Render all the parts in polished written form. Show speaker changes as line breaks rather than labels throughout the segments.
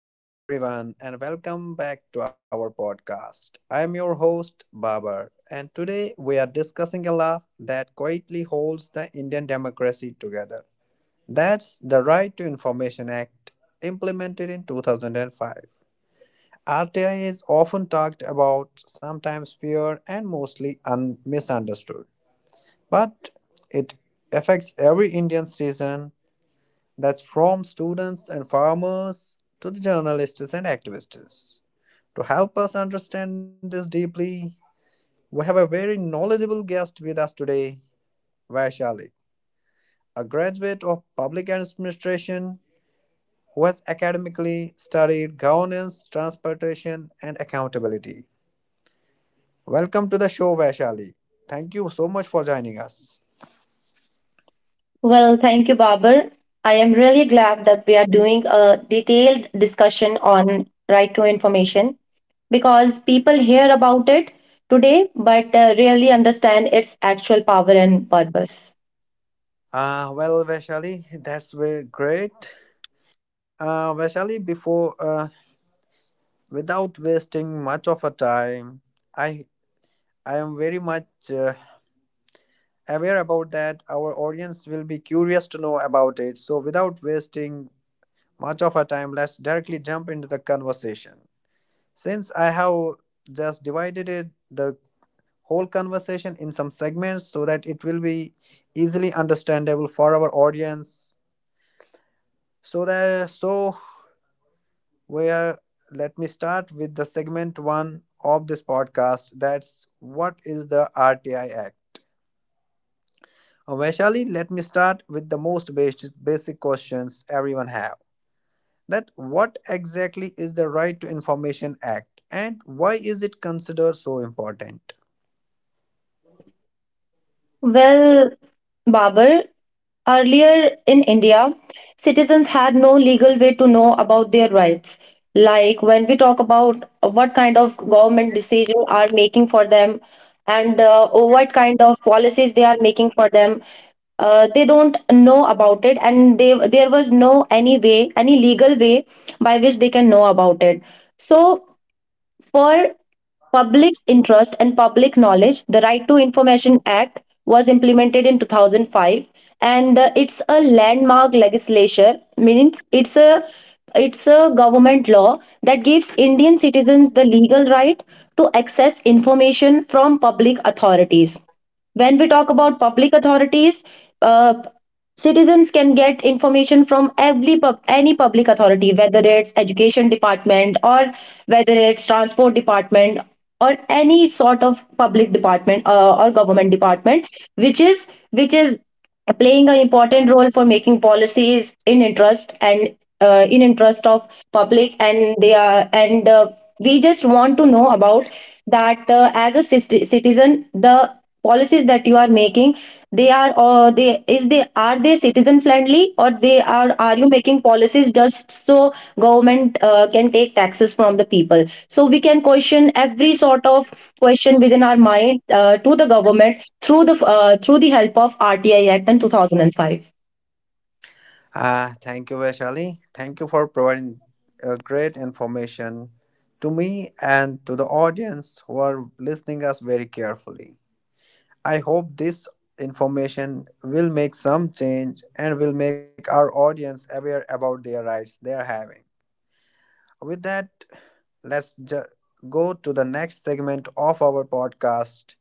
Hello, everyone, and welcome back to our podcast. I am your host, Babar, and today we are discussing a law that quietly holds the Indian democracy together. That's the Right to Information Act, implemented in 2005. RTI is often talked about, sometimes feared, and mostly misunderstood. But it affects every Indian citizen, that's from students and farmers to the journalists and activists. To help us understand this deeply, we have a very knowledgeable guest with us today, Vaishali, a graduate of public administration who has academically studied governance, transportation, and accountability. Welcome to the show, Vaishali. Thank you so much for joining us.
Well, thank you, Babar. I am really glad that we are doing a detailed discussion on right to information because people hear about it today but rarely understand its actual power and purpose.
Well, Vaishali, that's very great. Vaishali, before without wasting much of our time, I I am very much aware about that. Our audience will be curious to know about it. So without wasting much of our time, let's directly jump into the conversation. Since I have just divided it the whole conversation in some segments so that it will be easily understandable for our audience, so that so where let me start with the segment one of this podcast. That's, what is the RTI Act? Vaishali, let me start with the most basic questions everyone have. That, what exactly is the Right to Information Act and why is it considered so important?
Well, Babar, earlier in India, citizens had no legal way to know about their rights. Like when we talk about what kind of government decisions are making for them and what kind of policies they are making for them, they don't know about it, and they there was no any way, any legal way by which they can know about it, so for public's interest and public knowledge, the Right to Information Act was implemented in 2005. And it's a landmark legislation, means it's a government law that gives Indian citizens the legal right to access information from public authorities. When we talk about public authorities, uh, citizens can get information from every any public authority, whether it's education department or whether it's transport department or any sort of public department or government department, which is playing an important role for making policies in interest and in interest of public. And they are and we just want to know about that, as a citizen, the policies that you are making, they are, or they is, they are, they citizen friendly, or they are you making policies just so government can take taxes from the people? So we can question every sort of question within our mind to the government through the help of RTI Act in 2005.
Ah, thank you, Vaishali. Thank you for providing great information to me and to the audience who are listening us very carefully. I hope this information will make some change and will make our audience aware about their rights they are having. With that, let's go to the next segment of our podcast,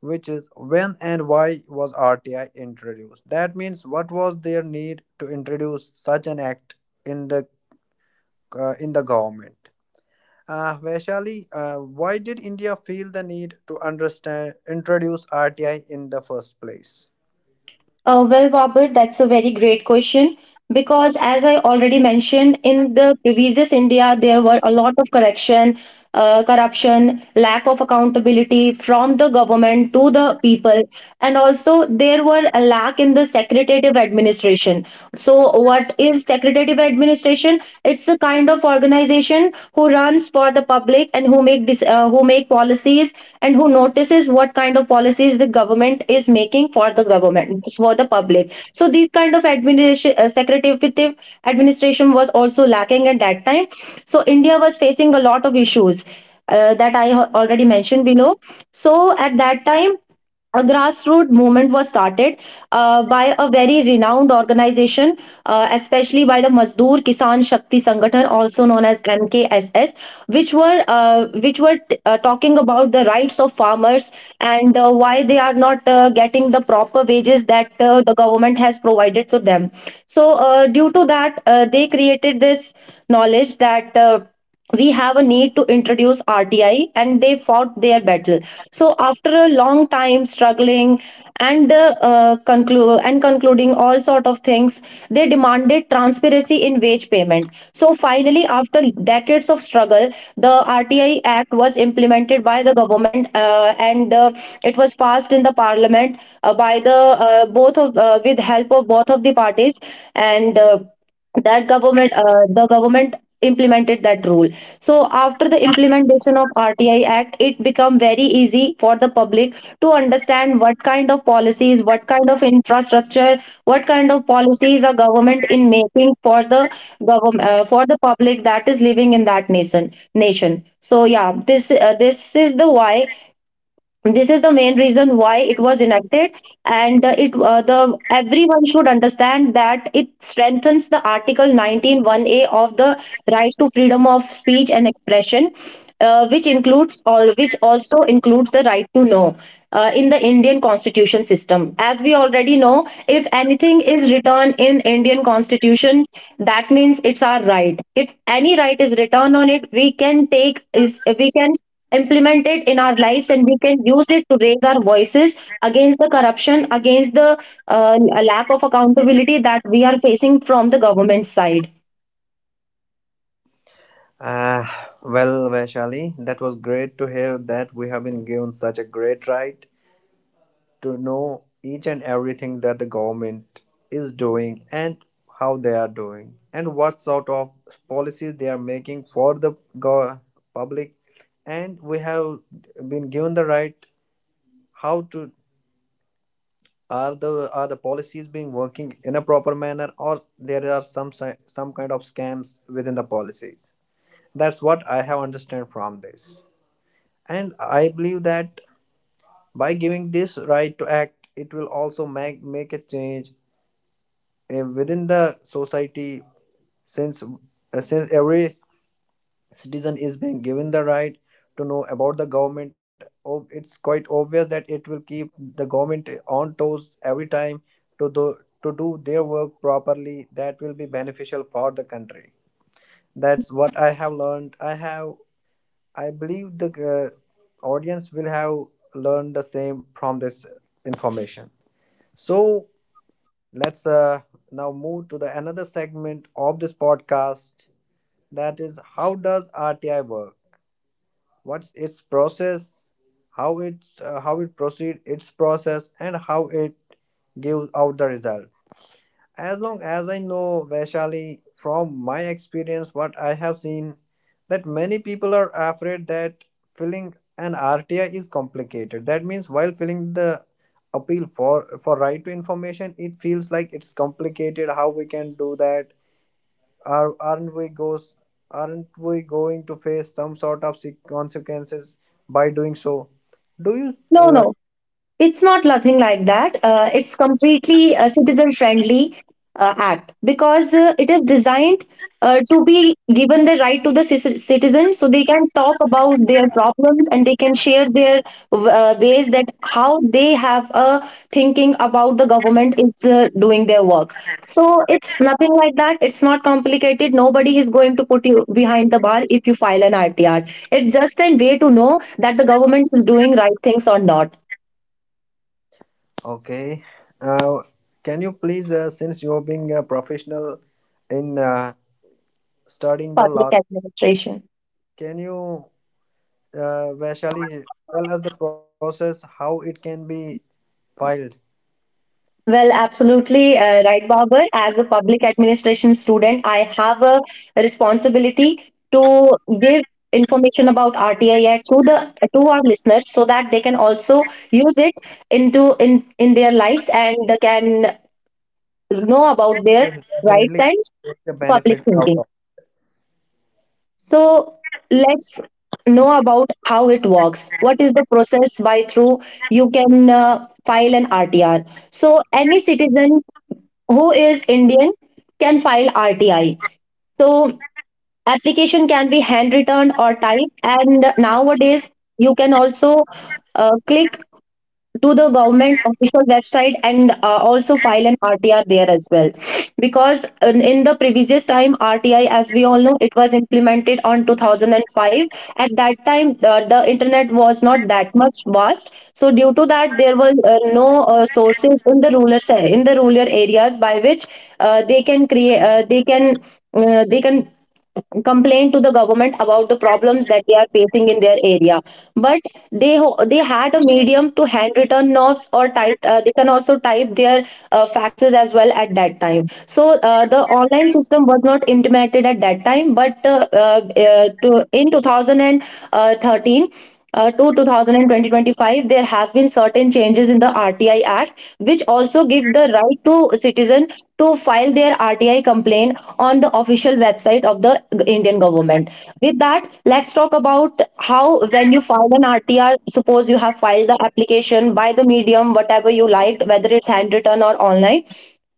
which is, when and why was RTI introduced? That means, what was their need to introduce such an act in the in the government? Vaishali, why did India feel the need to understand introduce RTI in the first place?
Well, Robert, that's a very great question because, as I already mentioned, in the previous India, there were a lot of correction, corruption, lack of accountability from the government to the people, and also there were a lack in the secretative administration. So what is secretative administration? It's a kind of organization who runs for the public and who make who make policies and who notices what kind of policies the government is making for the government for the public. So these kind of administration, secretariative administration, was also lacking at that time. So India was facing a lot of issues that I already mentioned below. So at that time, a grassroots movement was started by a very renowned organization, especially by the Mazdoor Kisan Shakti Sangatan, also known as MKSS, which were talking about the rights of farmers and why they are not getting the proper wages that the government has provided to them. So, due to that, they created this knowledge that. We have a need to introduce RTI, and they fought their battle. So after a long time struggling and and concluding all sort of things, they demanded transparency in wage payment. So finally, after decades of struggle, the RTI Act was implemented by the government, and it was passed in the parliament by the both of with help of both of the parties. And. That government the government implemented that rule. So after the implementation of RTI Act, it become very easy for the public to understand what kind of policies, what kind of infrastructure, what kind of policies a government in making for the government for the public that is living in that nation. So yeah, this is the why, this is the main reason why it was enacted. And it the everyone should understand that it strengthens the article 19 1a of the right to freedom of speech and expression, which includes all which also includes the right to know in the Indian constitution system. As we already know, if anything is written in Indian constitution, that means it's our right. If any right is written on it, we can implement it in our lives, and we can use it to raise our voices against the corruption, against the uh, lack of accountability that we are facing from the government side.
Ah, well, Vaishali, that was great to hear that we have been given such a great right to know each and everything that the government is doing and how they are doing and what sort of policies they are making for the public. And we have been given the right, how to, are the policies being working in a proper manner, or there are some kind of scams within the policies. That's what I have understood from this. And I believe that by giving this right to act, it will also make a change within the society since every citizen is being given the right to know about the government. Oh, it's quite obvious that it will keep the government on toes every time to to do their work properly. That will be beneficial for the country. That's what I have learned. I believe the audience will have learned the same from this information. So let's now move to the another segment of this podcast. That is, how does RTI work? What's its process? How it proceed its process and how it gives out the result. As long as I know, Vaishali, from my experience, what I have seen, that many people are afraid that filling an RTI is complicated. That means while filling the appeal for right to information, it feels like it's complicated. How we can do that? Aren't we goes aren't we going to face some sort of consequences by doing so? Do you
No, no, it's not nothing like that. It's completely a citizen-friendly act, because it is designed to be given the right to the citizen, so they can talk about their problems and they can share their ways that how they have a thinking about the government is doing their work. So it's nothing like that. It's not complicated. Nobody is going to put you behind the bar if you file an RTR. It's just a way to know that the government is doing right things or not.
okay? Uh, can you please, since you are being a professional in studying the
Public
law.
administration.
Can you, Vaishali, tell us the process how it can be filed?
Well, absolutely right, Babar. As a public administration student, I have a responsibility to give information about RTI Act to the to our listeners so that they can also use it into in their lives and can know about their
Yes,
rights
definitely
and
take the
public
benefit out
thinking.
of
So let's know about how it works.
it.
What is the process by through you can file an RTR? So any citizen who is Indian can file RTI. So application can be hand returned or typed. And nowadays you can also click to the government's official website and also file an RTR there as well. Because in the previous time, RTI, as we all know, it was implemented on 2005. At that time, the internet was not that much vast. So due to that, there was no sources in the in the rural areas by which uh, they can create uh, they can they can complained to the government about the problems that they are facing in their area. But they had a medium to hand written notes or type. They can also type their faxes as well at that time. So the online system was not implemented at that time. But in 2013 to 2020-25, there has been certain changes in the RTI Act which also give the right to citizen to file their RTI complaint on the official website of the Indian government. With that, let's talk about how when you file an RTR, suppose you have filed the application by the medium, whatever you liked, whether it's handwritten or online.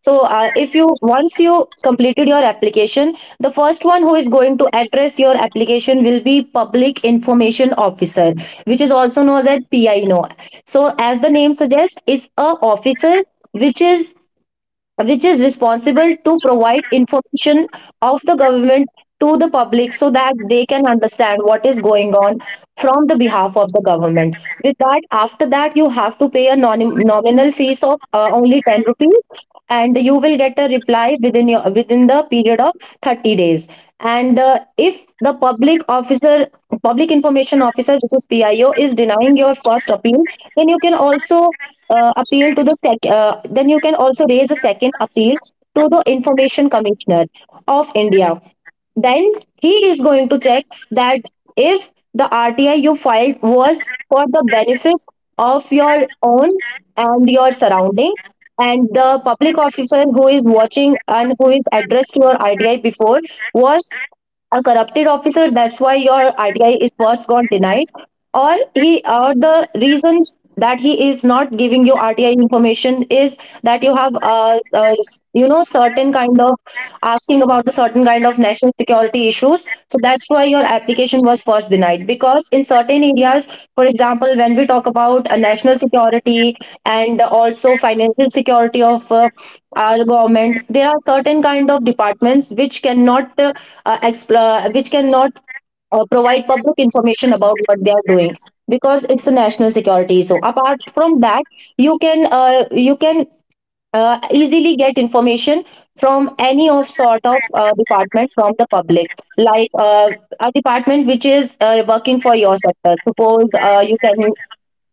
So, if you once you completed your application, the first one who is going to address your application will be Public Information Officer, which is also known as PIO. So, as the name suggests, is a officer which is which is responsible to provide information of the government to the public, so that they can understand what is going on from the behalf of the government. With that, after that, you have to pay a nominal fees of only 10 rupees, and you will get a reply within your within the period of 30 days. And if the public officer, public information officer, which is PIO, is denying your first appeal, then you can also appeal to the sec- then you can also raise a second appeal to the information commissioner of India. Then he is going to check that if the RTI you filed was for the benefits of your own and your surrounding, and the public officer who is watching and who is addressed your RTI before was a corrupted officer, that's why your ITI is first got denied, or he, or the reasons that he is not giving you RTI information is that you have you know, certain kind of asking about the certain kind of national security issues, so that's why your application was first denied. Because in certain areas, for example, when we talk about national security and also financial security of our government, there are certain kind of departments which cannot which cannot provide public information about what they are doing, because it's a national security. So apart from that, you can easily get information from any of sort of department from the public, like a department which is working for your sector. Suppose you can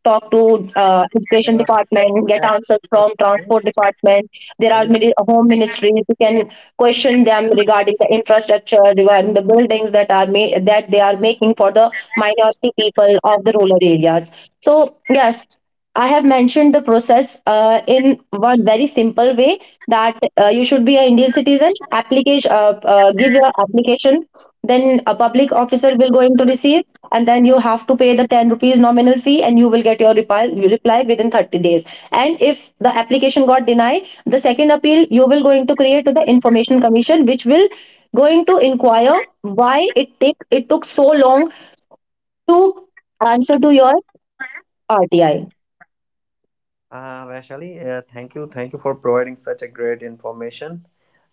talk to education
Uh,
department, get answers from transport department, there are
Vaishali,
home ministries, you can question them regarding the infrastructure, regarding the buildings that are made that they are making for the minority people of the rural areas. So yes, I have mentioned the process in one very simple way, that you should be an Indian citizen, application, give your application, then a public officer will going to receive, and then you have to pay the 10 rupees nominal fee, and you will get your reply within 30 days. And if the application got denied, the second appeal you will going to create to the information commission which will going to inquire why it take it took so long to answer to your RTI.
Vaishali, thank you for providing such a great information.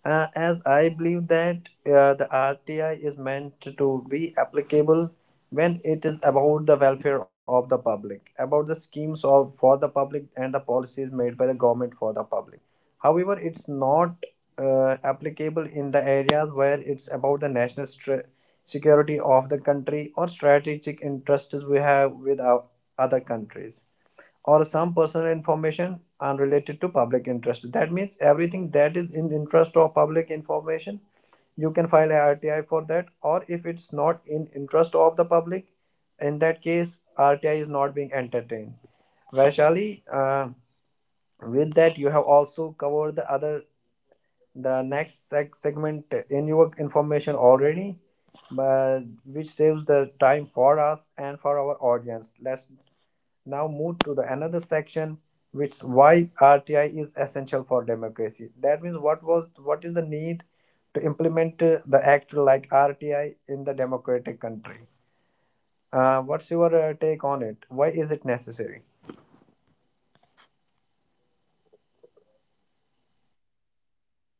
As I believe that the RTI is meant to be applicable when it is about the welfare of the public, about the schemes of for the public and the policies made by the government for the public. However, it's not applicable in the areas where it's about the security of the country or strategic interests we have with our other countries or some personal information unrelated to public interest. That means everything that is in interest of public information, you can file a RTI for that. Or if it's not in interest of the public, in that case, RTI is not being entertained. Vaishali, with that you have also covered the other the next segment in your information already, but which saves the time for us and for our audience. Let's now move to the another section, which, why RTI is essential for democracy? That means, what is the need to implement the act like RTI in the democratic country? What's your take on it, why is it necessary?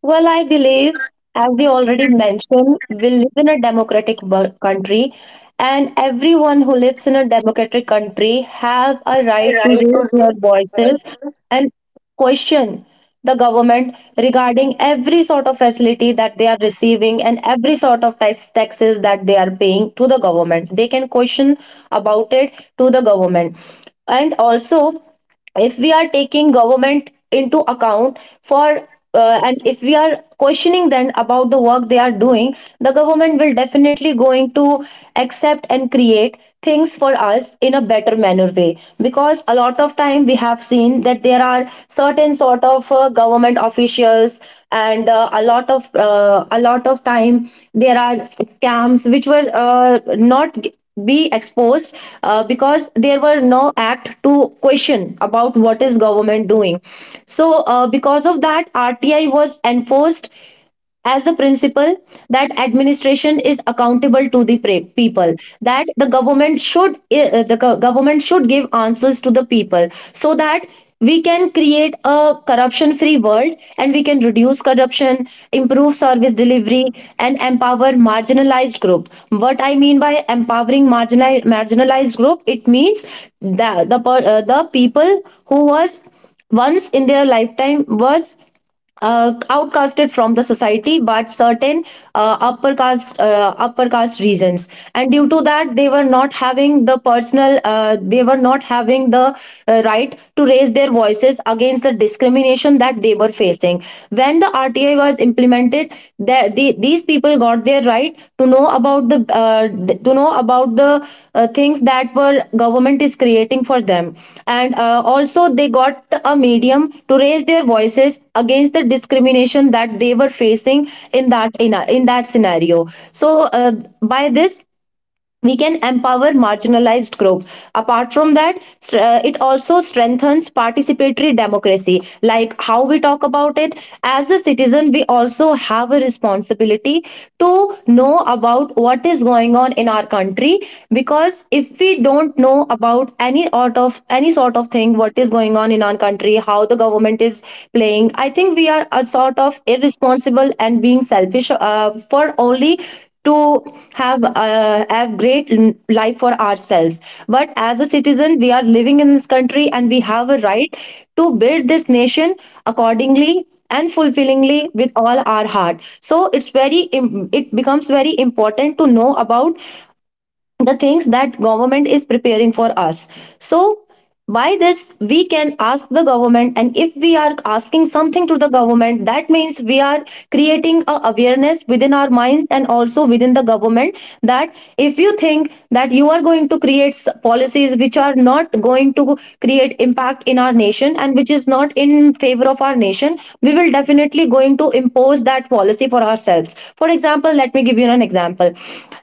Well, I believe, as we already mentioned, we live in a democratic country, and everyone who lives in a democratic country have a right to raise their voices and question the government regarding every sort of facility that they are receiving and every sort of taxes that they are paying to the government. They can question about it to the government, and also if we are taking government into account for and if we are questioning them about the work they are doing, the government will definitely going to accept and create things for us in a better manner way, because a lot of time we have seen that there are certain sort of government officials, and a lot of time there are scams which were not be exposed because there were no act to question about what is government doing. So because of that, RTI was enforced as a principle that administration is accountable to the people, that the government should government should give answers to the people, so that we can create a corruption free world and we can reduce corruption, improve service delivery, and empower marginalized group. What I mean by empowering marginalized group, it means that the people who was once in their lifetime was outcasted from the society but certain upper caste regions, and due to that they were not having the right to raise their voices against the discrimination that they were facing. When the RTI was implemented there, these people got their right to know about the to know about the things that were government is creating for them. And also they got a medium to raise their voices against the discrimination that they were facing in that in that scenario. So by this we can empower marginalized group. Apart from that, it also strengthens participatory democracy, like how we talk about it. As a citizen we also have a responsibility to know about what is going on in our country, because if we don't know about any sort of thing what is going on in our country, how the government is playing, I think we are a sort of irresponsible and being selfish, for only to have great life for ourselves. But as a citizen we are living in this country and we have a right to build this nation accordingly and fulfillingly with all our heart, so it becomes very important to know about the things that government is preparing for us. So by this we can ask the government, and if we are asking something to the government, that means we are creating a awareness within our minds and also within the government, that if you think that you are going to policies which are not going to create impact in our nation and which is not in favor of our nation, we will definitely going to impose that policy for ourselves. For example, let me give you an example.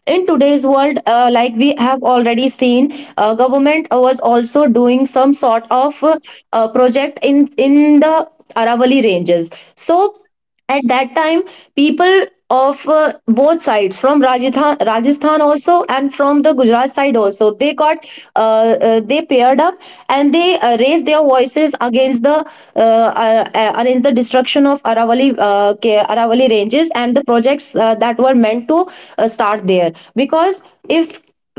In today's world, like we have already seen, government was also doing some sort of project in the Aravalli ranges. So at that time, people of both sides, from Rajasthan also and from the Gujarat side also, they got they paired up, and they raised their voices against the destruction of Aravalli Aravalli ranges and the projects that were meant to start there. Because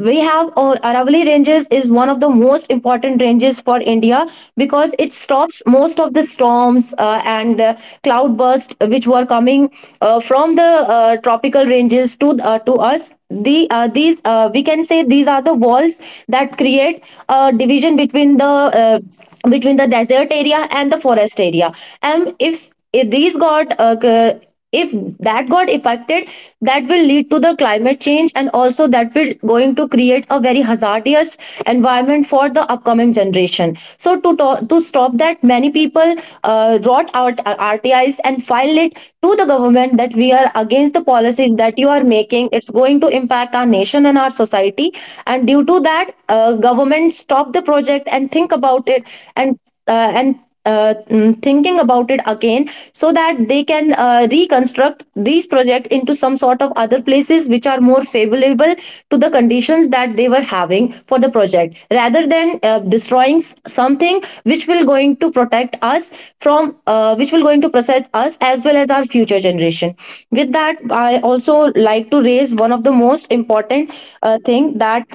if we have Aravalli Ranges is one of the most important ranges for India, because it stops most of the storms and cloudburst which were coming from the tropical ranges to us. The these we can say these are the walls that create a division uh, between the desert area and the forest area. And if these got c- if that got affected, that will lead to the climate change, and also that will going to create a very hazardous environment for the upcoming generation. So to stop that, many people wrote out RTIs and filed it to the government that we are against the policies that you are making, it's going to impact our nation and our society. And due to that, government stop the project and think about it, and thinking about it again, so that they can reconstruct these projects into some sort of other places which are more favorable to the conditions that they were having for the project, rather than destroying something which will going to protect us from which will going to protect us as well as our future generation. With that, I also like to raise one of the most important thing, that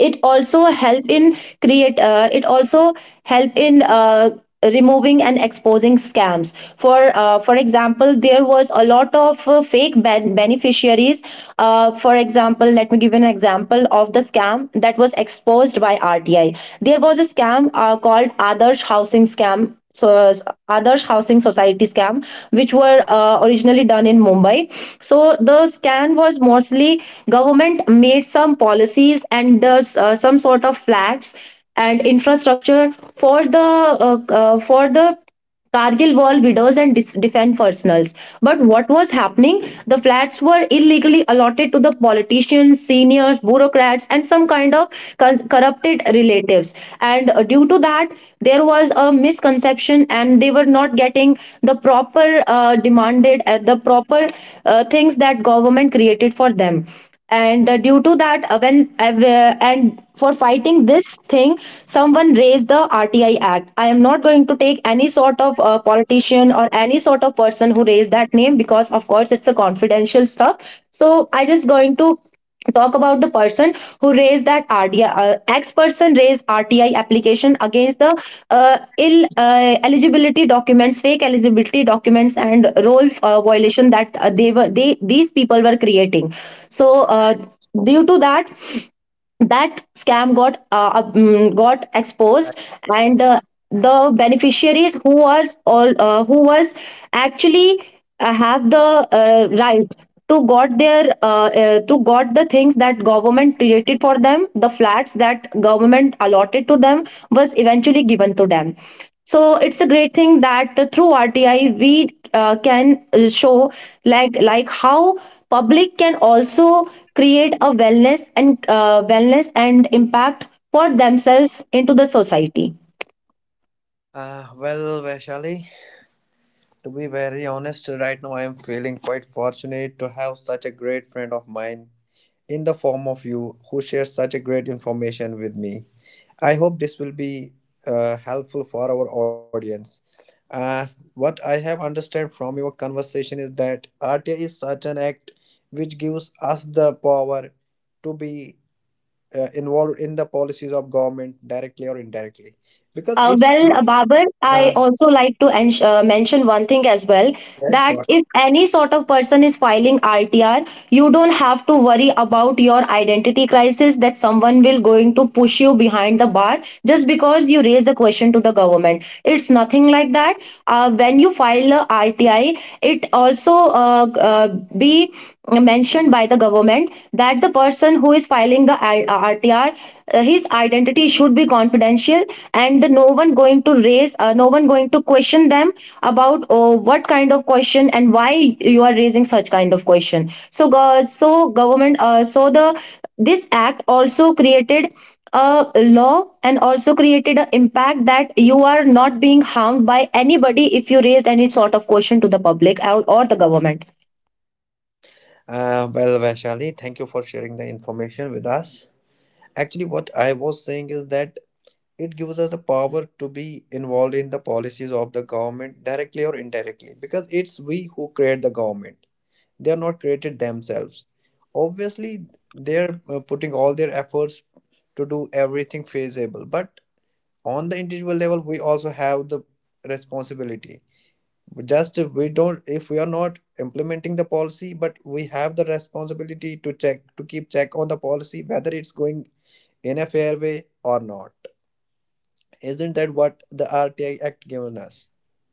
it also help in it also help in removing and exposing scams. For example, there was a lot of fake beneficiaries. For example, let me give an example of the scam that was exposed by RTI. There was a scam called adarsh housing scam. So, Adarsh Housing Society scam, which were originally done in Mumbai. So the scam was mostly, government made some policies and does some sort of flats and infrastructure for the Cargill wall widows and defend personals. But what was happening? The flats were illegally allotted to the politicians, seniors, bureaucrats, and some kind of corrupted relatives. And due to that, there was a misconception, and they were not getting the proper the proper things that government created for them. And due to that, and for fighting this thing, someone raised the RTI act. I am not going to take any sort of politician or any sort of person who raised that name, because of course it's a confidential stuff, so I just going to talk about the person who raised that RTI. X person raised RTI application against the uh, ill eligibility documents, fake eligibility documents, and role violation that they were they these people were creating. So due to that, that scam got got exposed. And the beneficiaries who was actually have the right to got the things that government created for them, the flats that government allotted to them, was eventually given to them. So it's a great thing that through RTI we can show, like how public can also create a wellness and impact for themselves into the society.
Well, Vaishali, to be very honest, right now I am feeling quite fortunate to have such a great friend of mine in the form of you, who shares such a great information with me. I hope this will be helpful for our audience. Uh, what I have understood from your conversation is that RTI is such an act which gives us the power to be involved in the policies of government directly or indirectly because
Uh,
it's
well, uh, Babar,
uh,
I also like to mention one thing as well,
yes,
that
go on.
if any sort of person is filing RTR, you don't have to worry about your identity crisis, that someone will going to push you behind the bar just because you raise the question to the government. It's nothing like that. When you file a RTI, it also uh, g- uh, be mentioned by the government that the person who is filing the RTR, his identity should be confidential, and no one going to raise no one going to question them about, oh, what kind of question and why you are raising such kind of question. So government, so the this act also created a law and also created an impact that you are not being harmed by anybody if you raise any sort of question to the public, or the government.
Well, Vaishali, thank you for sharing the information with us. Actually, what I was saying is that it gives us the power to be involved in the policies of the government directly or indirectly, because it's we who create the government, they are not created themselves obviously, they're putting all their efforts to do everything feasible, but on the individual level we also have the responsibility, just if we don't if we are not implementing the policy, but we have the responsibility to check, to keep check on the policy whether it's going in a fair way or not. Isn't that what the RTI Act given us?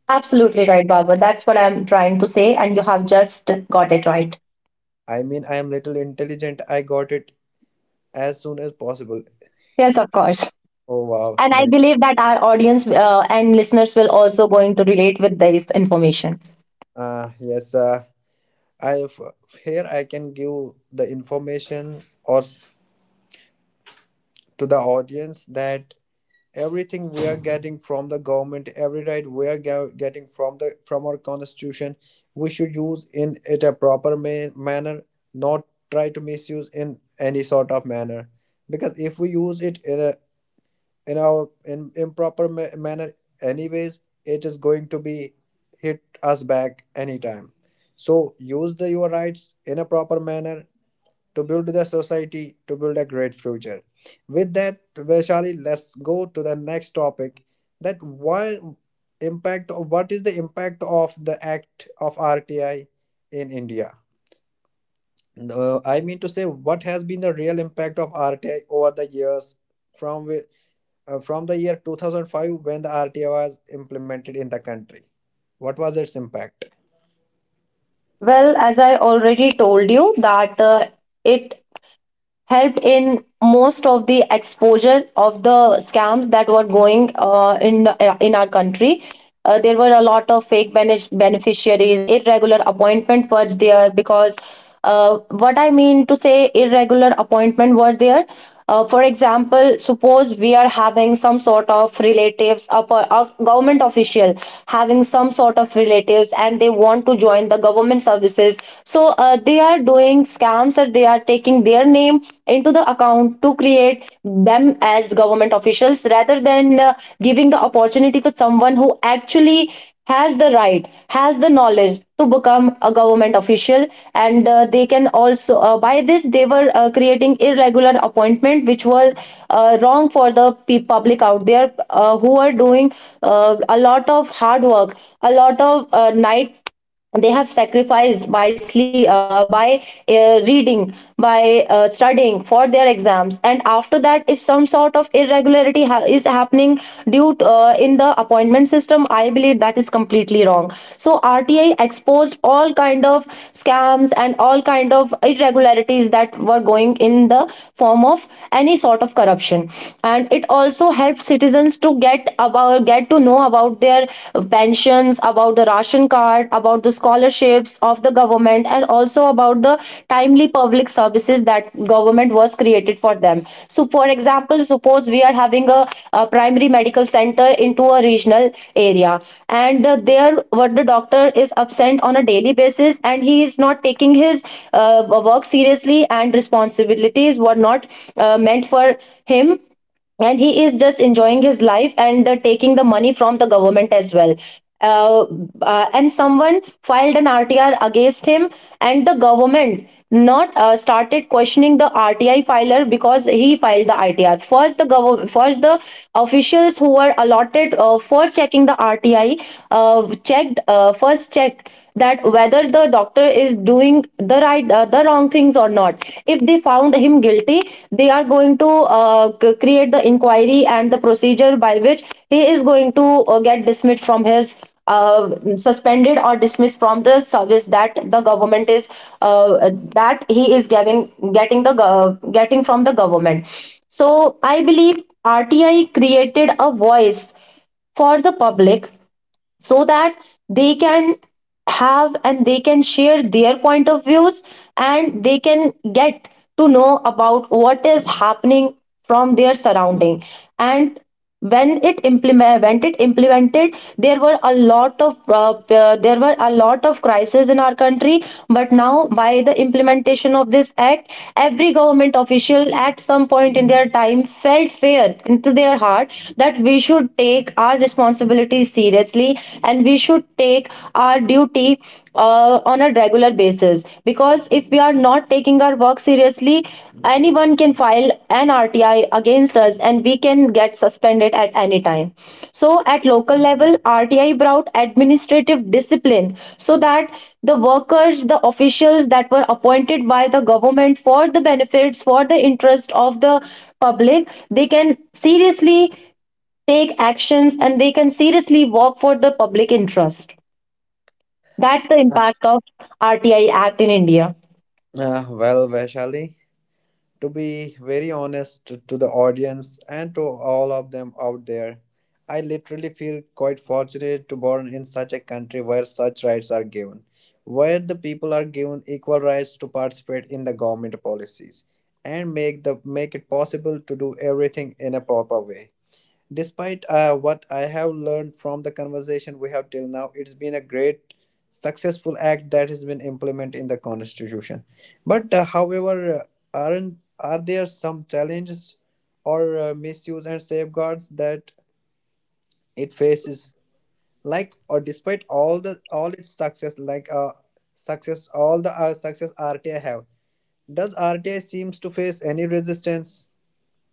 Absolutely right, Barbara. That's what I'm trying to say, and you have just got it right.
I mean, I am little intelligent. I got it as soon as possible.
Yes, of course.
Oh wow,
And I
nice.
believe that our audience and listeners will also going to relate with this information.
Yes, I f- here I can give the information to the audience that everything we are getting from the government, every right we are getting from the from our constitution, we should use in it a proper manner, not try to misuse in any sort of manner. Because if we use it in a in our in improper manner, anyways it is going to be hit us back anytime. So use the your rights in a proper manner to build the society, to build a great future. With that, Vaishali, let's go to the next topic, that why impact of what is the impact of the act of RTI in India? I mean to say, what has been the real impact of RTI over the years from from the year 2005, when the RTA was implemented in the country. What was its impact?
Well, as I already told you that it helped in most of the exposure of the scams that were going in our country. There were a lot of fake beneficiaries, irregular appointment were there, because uh, what I mean to say, irregular appointment were there. For example, suppose we are having some sort of relatives, a government official having some sort of relatives, and they want to join the government services. So they are doing scams, or they are taking their name into the account to create them as government officials, rather than giving the opportunity to someone who actually has the knowledge to become a government official and they can also by this they were creating irregular appointment which was wrong for the public out there, who are doing a lot of hard work, a lot of night. They have sacrificed by reading, by studying for their exams. And after that, if some sort of irregularity is happening due to in the appointment system, I believe that is completely wrong. So RTI exposed all kind of scams and all kind of irregularities that were going in the form of any sort of corruption. And it also helped citizens to get to know about their pensions, about the ration card, about the scholarships of the government, and also about the timely public services that government was created for them. So, for example, suppose we are having a primary medical center into a regional area, and uh, there, what the doctor is absent on a daily basis, and he is not taking his work seriously, and responsibilities were not meant for him, and he is just enjoying his life and taking the money from the government as well. uh, and someone filed an RTR against him, and the government not started questioning the RTI filer because he filed the ITR first. The government first, the officials who were allotted for checking the rti checked first checked that whether the doctor is doing the wrong things or not. If they found him guilty, they are going to create the inquiry and the procedure by which he is going to get dismissed from his uh, suspended or dismissed from the service that the government is that he is giving getting the gov- getting from the government. So I believe RTI created a voice for the public so that they can have and they can share their point of views, and they can get to know about what is happening from their surrounding. And when it implemented, there were a lot of there were a lot of crises in our country. But now, by the implementation of this act, every government official at some point in their time felt fair into their heart that we should take our responsibility seriously, and we should take our duty on a regular basis, because if we are not taking our work seriously, anyone can file an RTI against us and we can get suspended at any time. So at local level, RTI brought administrative discipline so that the workers, the officials that were appointed by the government for the benefits, for the interest of the public, they can seriously take actions, and they can seriously work for the public interest. That's the
Uh,
impact of RTI Act in India.
well, Vaishali, to be very honest to the audience and to all of them out there, I literally feel quite fortunate to born in such a country where such rights are given, where the people are given equal rights to participate in the government policies and make it possible to do everything in a proper way. Despite what I have learned from the conversation we have till now, it's been a great, successful act that has been implemented in the Constitution. But, however, aren't are there some challenges or misuse and safeguards that it faces? Like, or despite all its success, all the success RTI have, does RTI seems to face any resistance?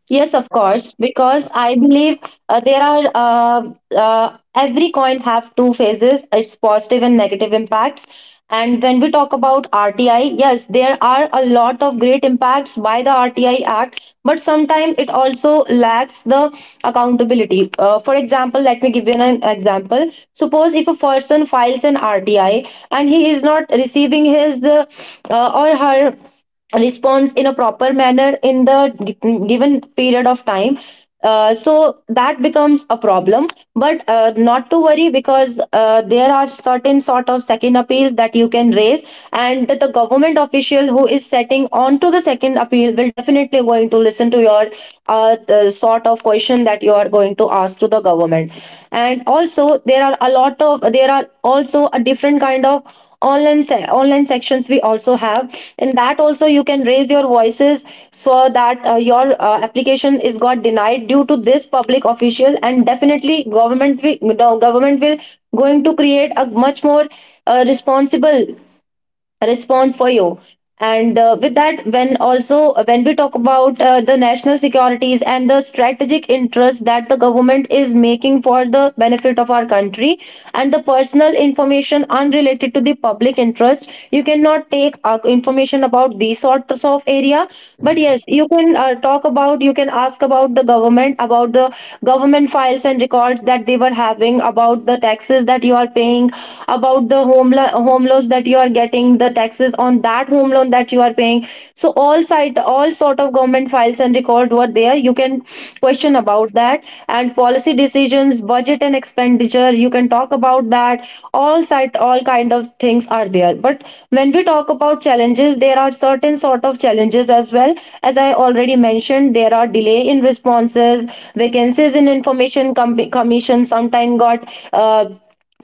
Yes, of course, because I believe there are every coin have two phases, its positive and negative impacts. And when we talk about RTI, yes, there are a lot of great impacts by the RTI Act, but sometimes it also lacks the accountability. For example, let me give you an example. Suppose if a person files an RTI and he is not receiving his or her responds in a proper manner in the given period of time, so that becomes a problem. But not to worry, because there are certain sort of second appeals that you can raise, and the government official who is setting on to the second appeal will definitely going to listen to your the sort of question that you are going to ask to the government. And also there are a lot of there are also a different kind of online online sections we also have. In that also you can raise your voices, so that your application is got denied due to this public official, and definitely government will going to create a much more responsible response for you. And with that, when also when we talk about the national securities and the strategic interests that the government is making for the benefit of our country and the personal information unrelated to the public interest, you cannot take information about these sorts of area. But yes, you can talk about you can ask about the government, about the government files and records that they were having, about the taxes that you are paying, about the home loans that you are getting, the taxes on that home loan that you are paying. So all sort of government files and record were there. You can question about that. And policy decisions, budget and expenditure. You can talk about that. All kind of things are there. But when we talk about challenges, there are certain sort of challenges as well. As I already mentioned, there are delay in responses, vacancies in information commission. Sometime got. Uh,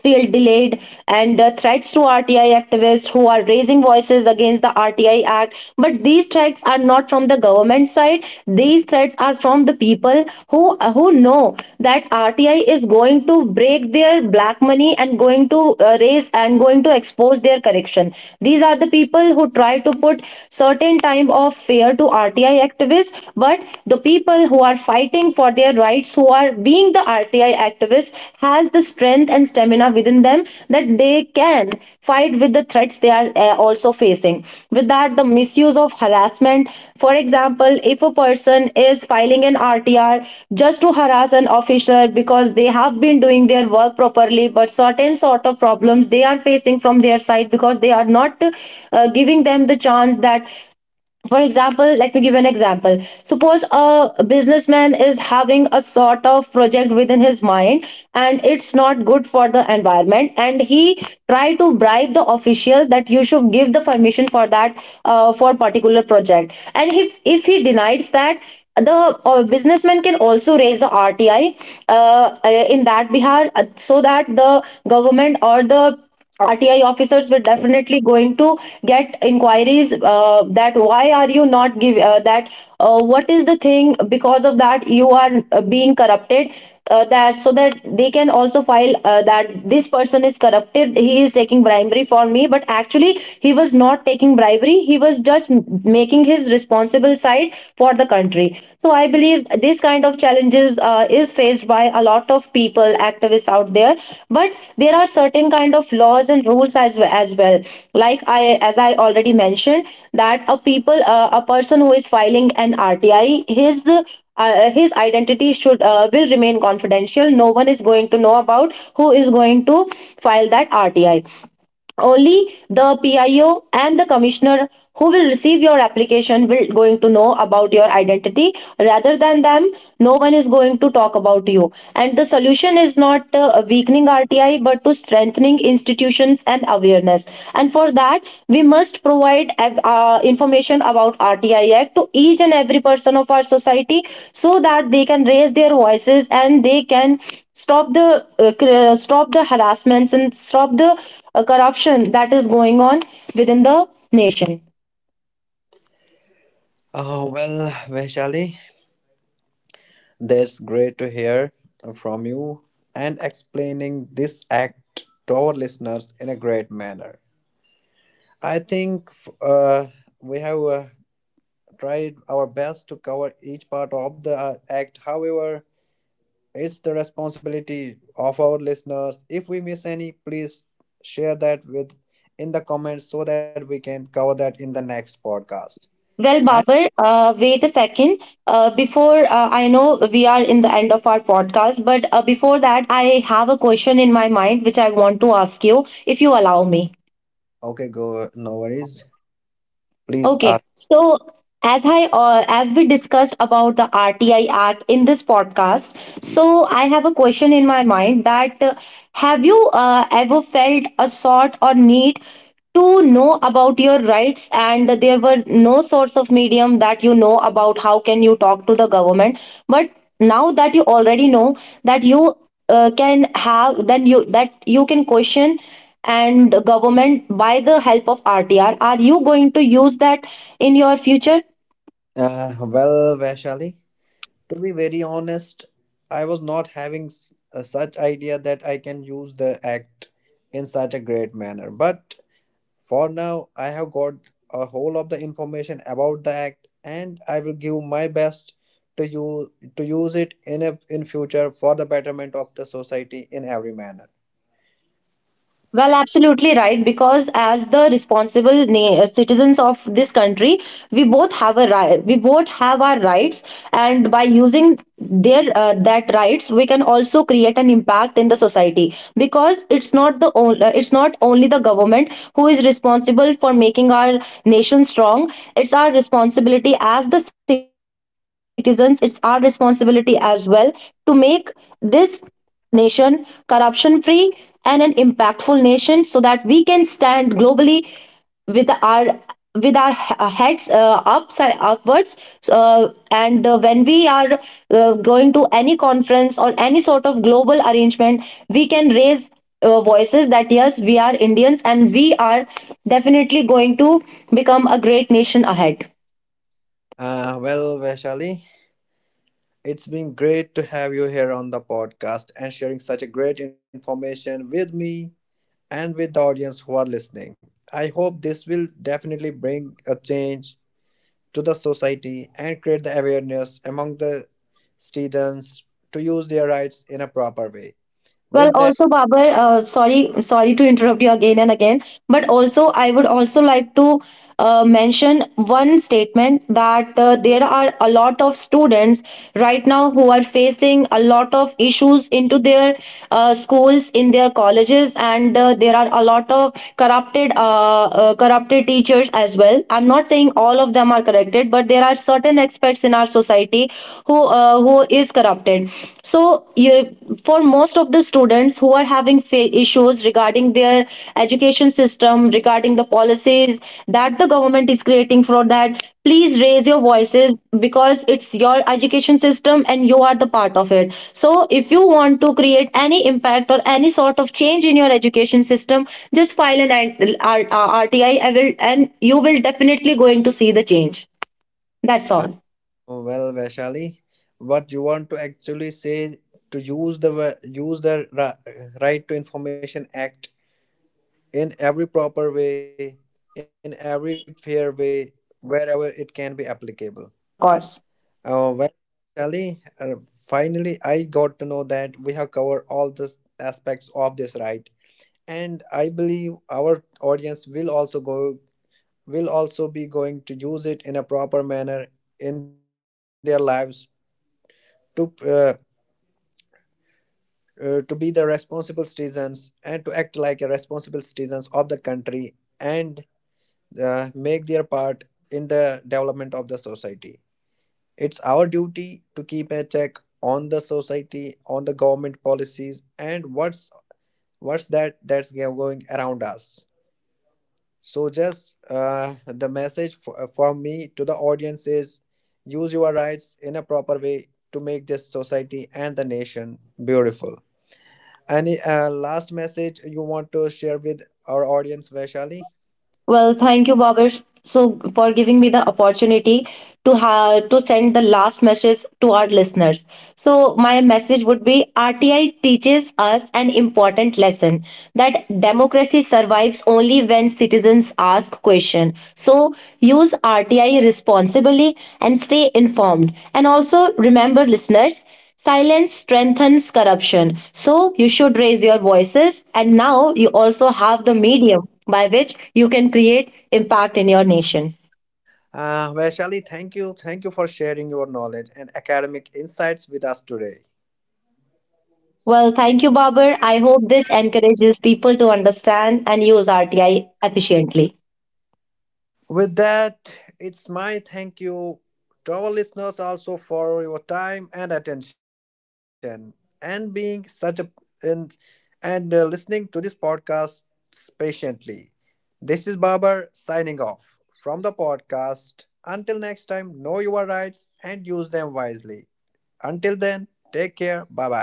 Feel delayed and threats to RTI activists who are raising voices against the RTI Act. But these threats are not from the government side. These threats are from the people who who know that RTI is going to break their black money, and going to raise and going to expose their corruption. These are the people who try to put certain type of fear to RTI activists. But the people who are fighting for their rights, who are being the RTI activists, has the strength and stamina within them that they can fight with the threats they are also facing. With that, the misuse of harassment, for example, if a person is filing an RTR just to harass an officer because they have been doing their work properly, but certain sort of problems they are facing from their side because they are not giving them the chance that, for example, let me give you an example. Suppose a businessman is having a sort of project within his mind, and it's not good for the environment, and he try to bribe the official that you should give the permission for that for particular project. And if he denies that, the businessman can also raise the RTI uh, in that Bihar, so that the government or the RTI officers were definitely going to get inquiries, that why are you not give that what is the thing because of that you are being corrupted, that so that they can also file, that this person is corrupted, he is taking bribery for me. But actually, he was not taking bribery. He was just making his responsible side for the country. So I believe this kind of challenges is faced by a lot of people, activists out there. But there are certain kind of laws and rules as well. Like I, as I already mentioned, that a people, a person who is filing an RTI, his identity should will remain confidential. No one is going to know about who is going to file that RTI. Only the PIO and the commissioner who will receive your application will going to know about your identity. Rather than them, no one is going to talk about you. And the solution is not weakening RTI, but to strengthening institutions and awareness. And for that, we must provide information about RTI Act to each and every person of our society, so that they can raise their voices, and they can stop the stop the harassments, and stop the a corruption that is going on within the nation.
Well, Vaishali, that's great to hear from you and explaining this act to our listeners in a great manner. I think uh, we have tried our best to cover each part of the act. However, it's the responsibility of our listeners. If we miss any, please share that with in the comments so that we can cover that in the next podcast.
Well,
And
Babar, wait a second. Before I know we are in the end of our podcast, but before that, I have a question in my mind which I want to ask you if you allow me.
okay, go, no worries. Please
Okay,
ask.
so as we discussed about the RTI Act in this podcast, so I have a question in my mind that have you ever felt a sort or need to know about your rights, and there were no sorts of medium that you know about how can you talk to the government. But now that you already know that you that you can question and government by the help of RTR, are you going to use that in your future?
Well, Vaishali, to be very honest, I was not having such idea that I can use the act in such a great manner. But for now, I have got a whole of the information about the act, and I will give my best to use to use it in a in future for the betterment of the society in every manner.
Well, absolutely right. Because as the responsible citizens of this country, we both have a right. We both have our rights, and by using their that rights, we can also create an impact in the society. Because it's not only the government who is responsible for making our nation strong. It's our responsibility as the citizens. It's our responsibility as well to make this nation corruption free, and an impactful nation, so that we can stand globally with our with our heads upside upwards. So, uh, and uh, when we are going to any conference or any sort of global arrangement, we can raise voices that yes, we are Indians, and we are definitely going to become a great nation ahead.
Well, Vaishali, it's been great to have you here on the podcast and sharing such a great information with me and with the audience who are listening. I hope this will definitely bring a change to the society and create the awareness among the students to use their rights in a proper way.
Well,
With that,
also, Babar, sorry, sorry to interrupt you again and again, but also I would also like to mention one statement that there are a lot of students right now who are facing a lot of issues into their schools, in their colleges, and there are a lot of corrupted teachers as well. I'm not saying all of them are corrected, but there are certain aspects in our society who is corrupted. So you, for most of the students who are having issues regarding their education system, regarding the policies that the government is creating for that, please raise your voices, because it's your education system and you are the part of it. So if you want to create any impact or any sort of change in your education system, just file an RTI, I will and you will definitely going to see the change. That's
uh,
all.
well, Vaishali, what you want to actually say, to use the use the Right to Information Act in every proper way, in every fair way, wherever it can be applicable.
Yes, of course.
Oh, well, Shelly, finally I got to know that we have covered all the aspects of this right. And I believe our audience will also go will also be going to use it in a proper manner in their lives to uh, to be the responsible citizens and to act like a responsible citizens of the country and make their part in the development of the society. It's our duty to keep a check on the society, on the government policies, and what's that that's going around us. So just the message from me to the audience is: use your rights in a proper way to make this society and the nation beautiful. Any last message you want to share with our audience, Vaishali?
Well, thank you, Bhavesh, so for giving me the opportunity to have to send the last message to our listeners. So my message would be RTI teaches us an important lesson that democracy survives only when citizens ask questions. So use RTI responsibly and stay informed. And also remember, listeners, silence strengthens corruption. So you should raise your voices. And now you also have the medium by which you can create impact in your nation.
Vaishali, thank you. Thank you for sharing your knowledge and academic insights with us today.
Well, thank you, Babar. I hope this encourages people to understand and use RTI efficiently.
With that, it's my thank you to our listeners also for your time and attention and being such a and, and listening to this podcast patiently. This is Babar signing off from the podcast. Until next time, know your rights and use them wisely. Until then, take care. Bye bye.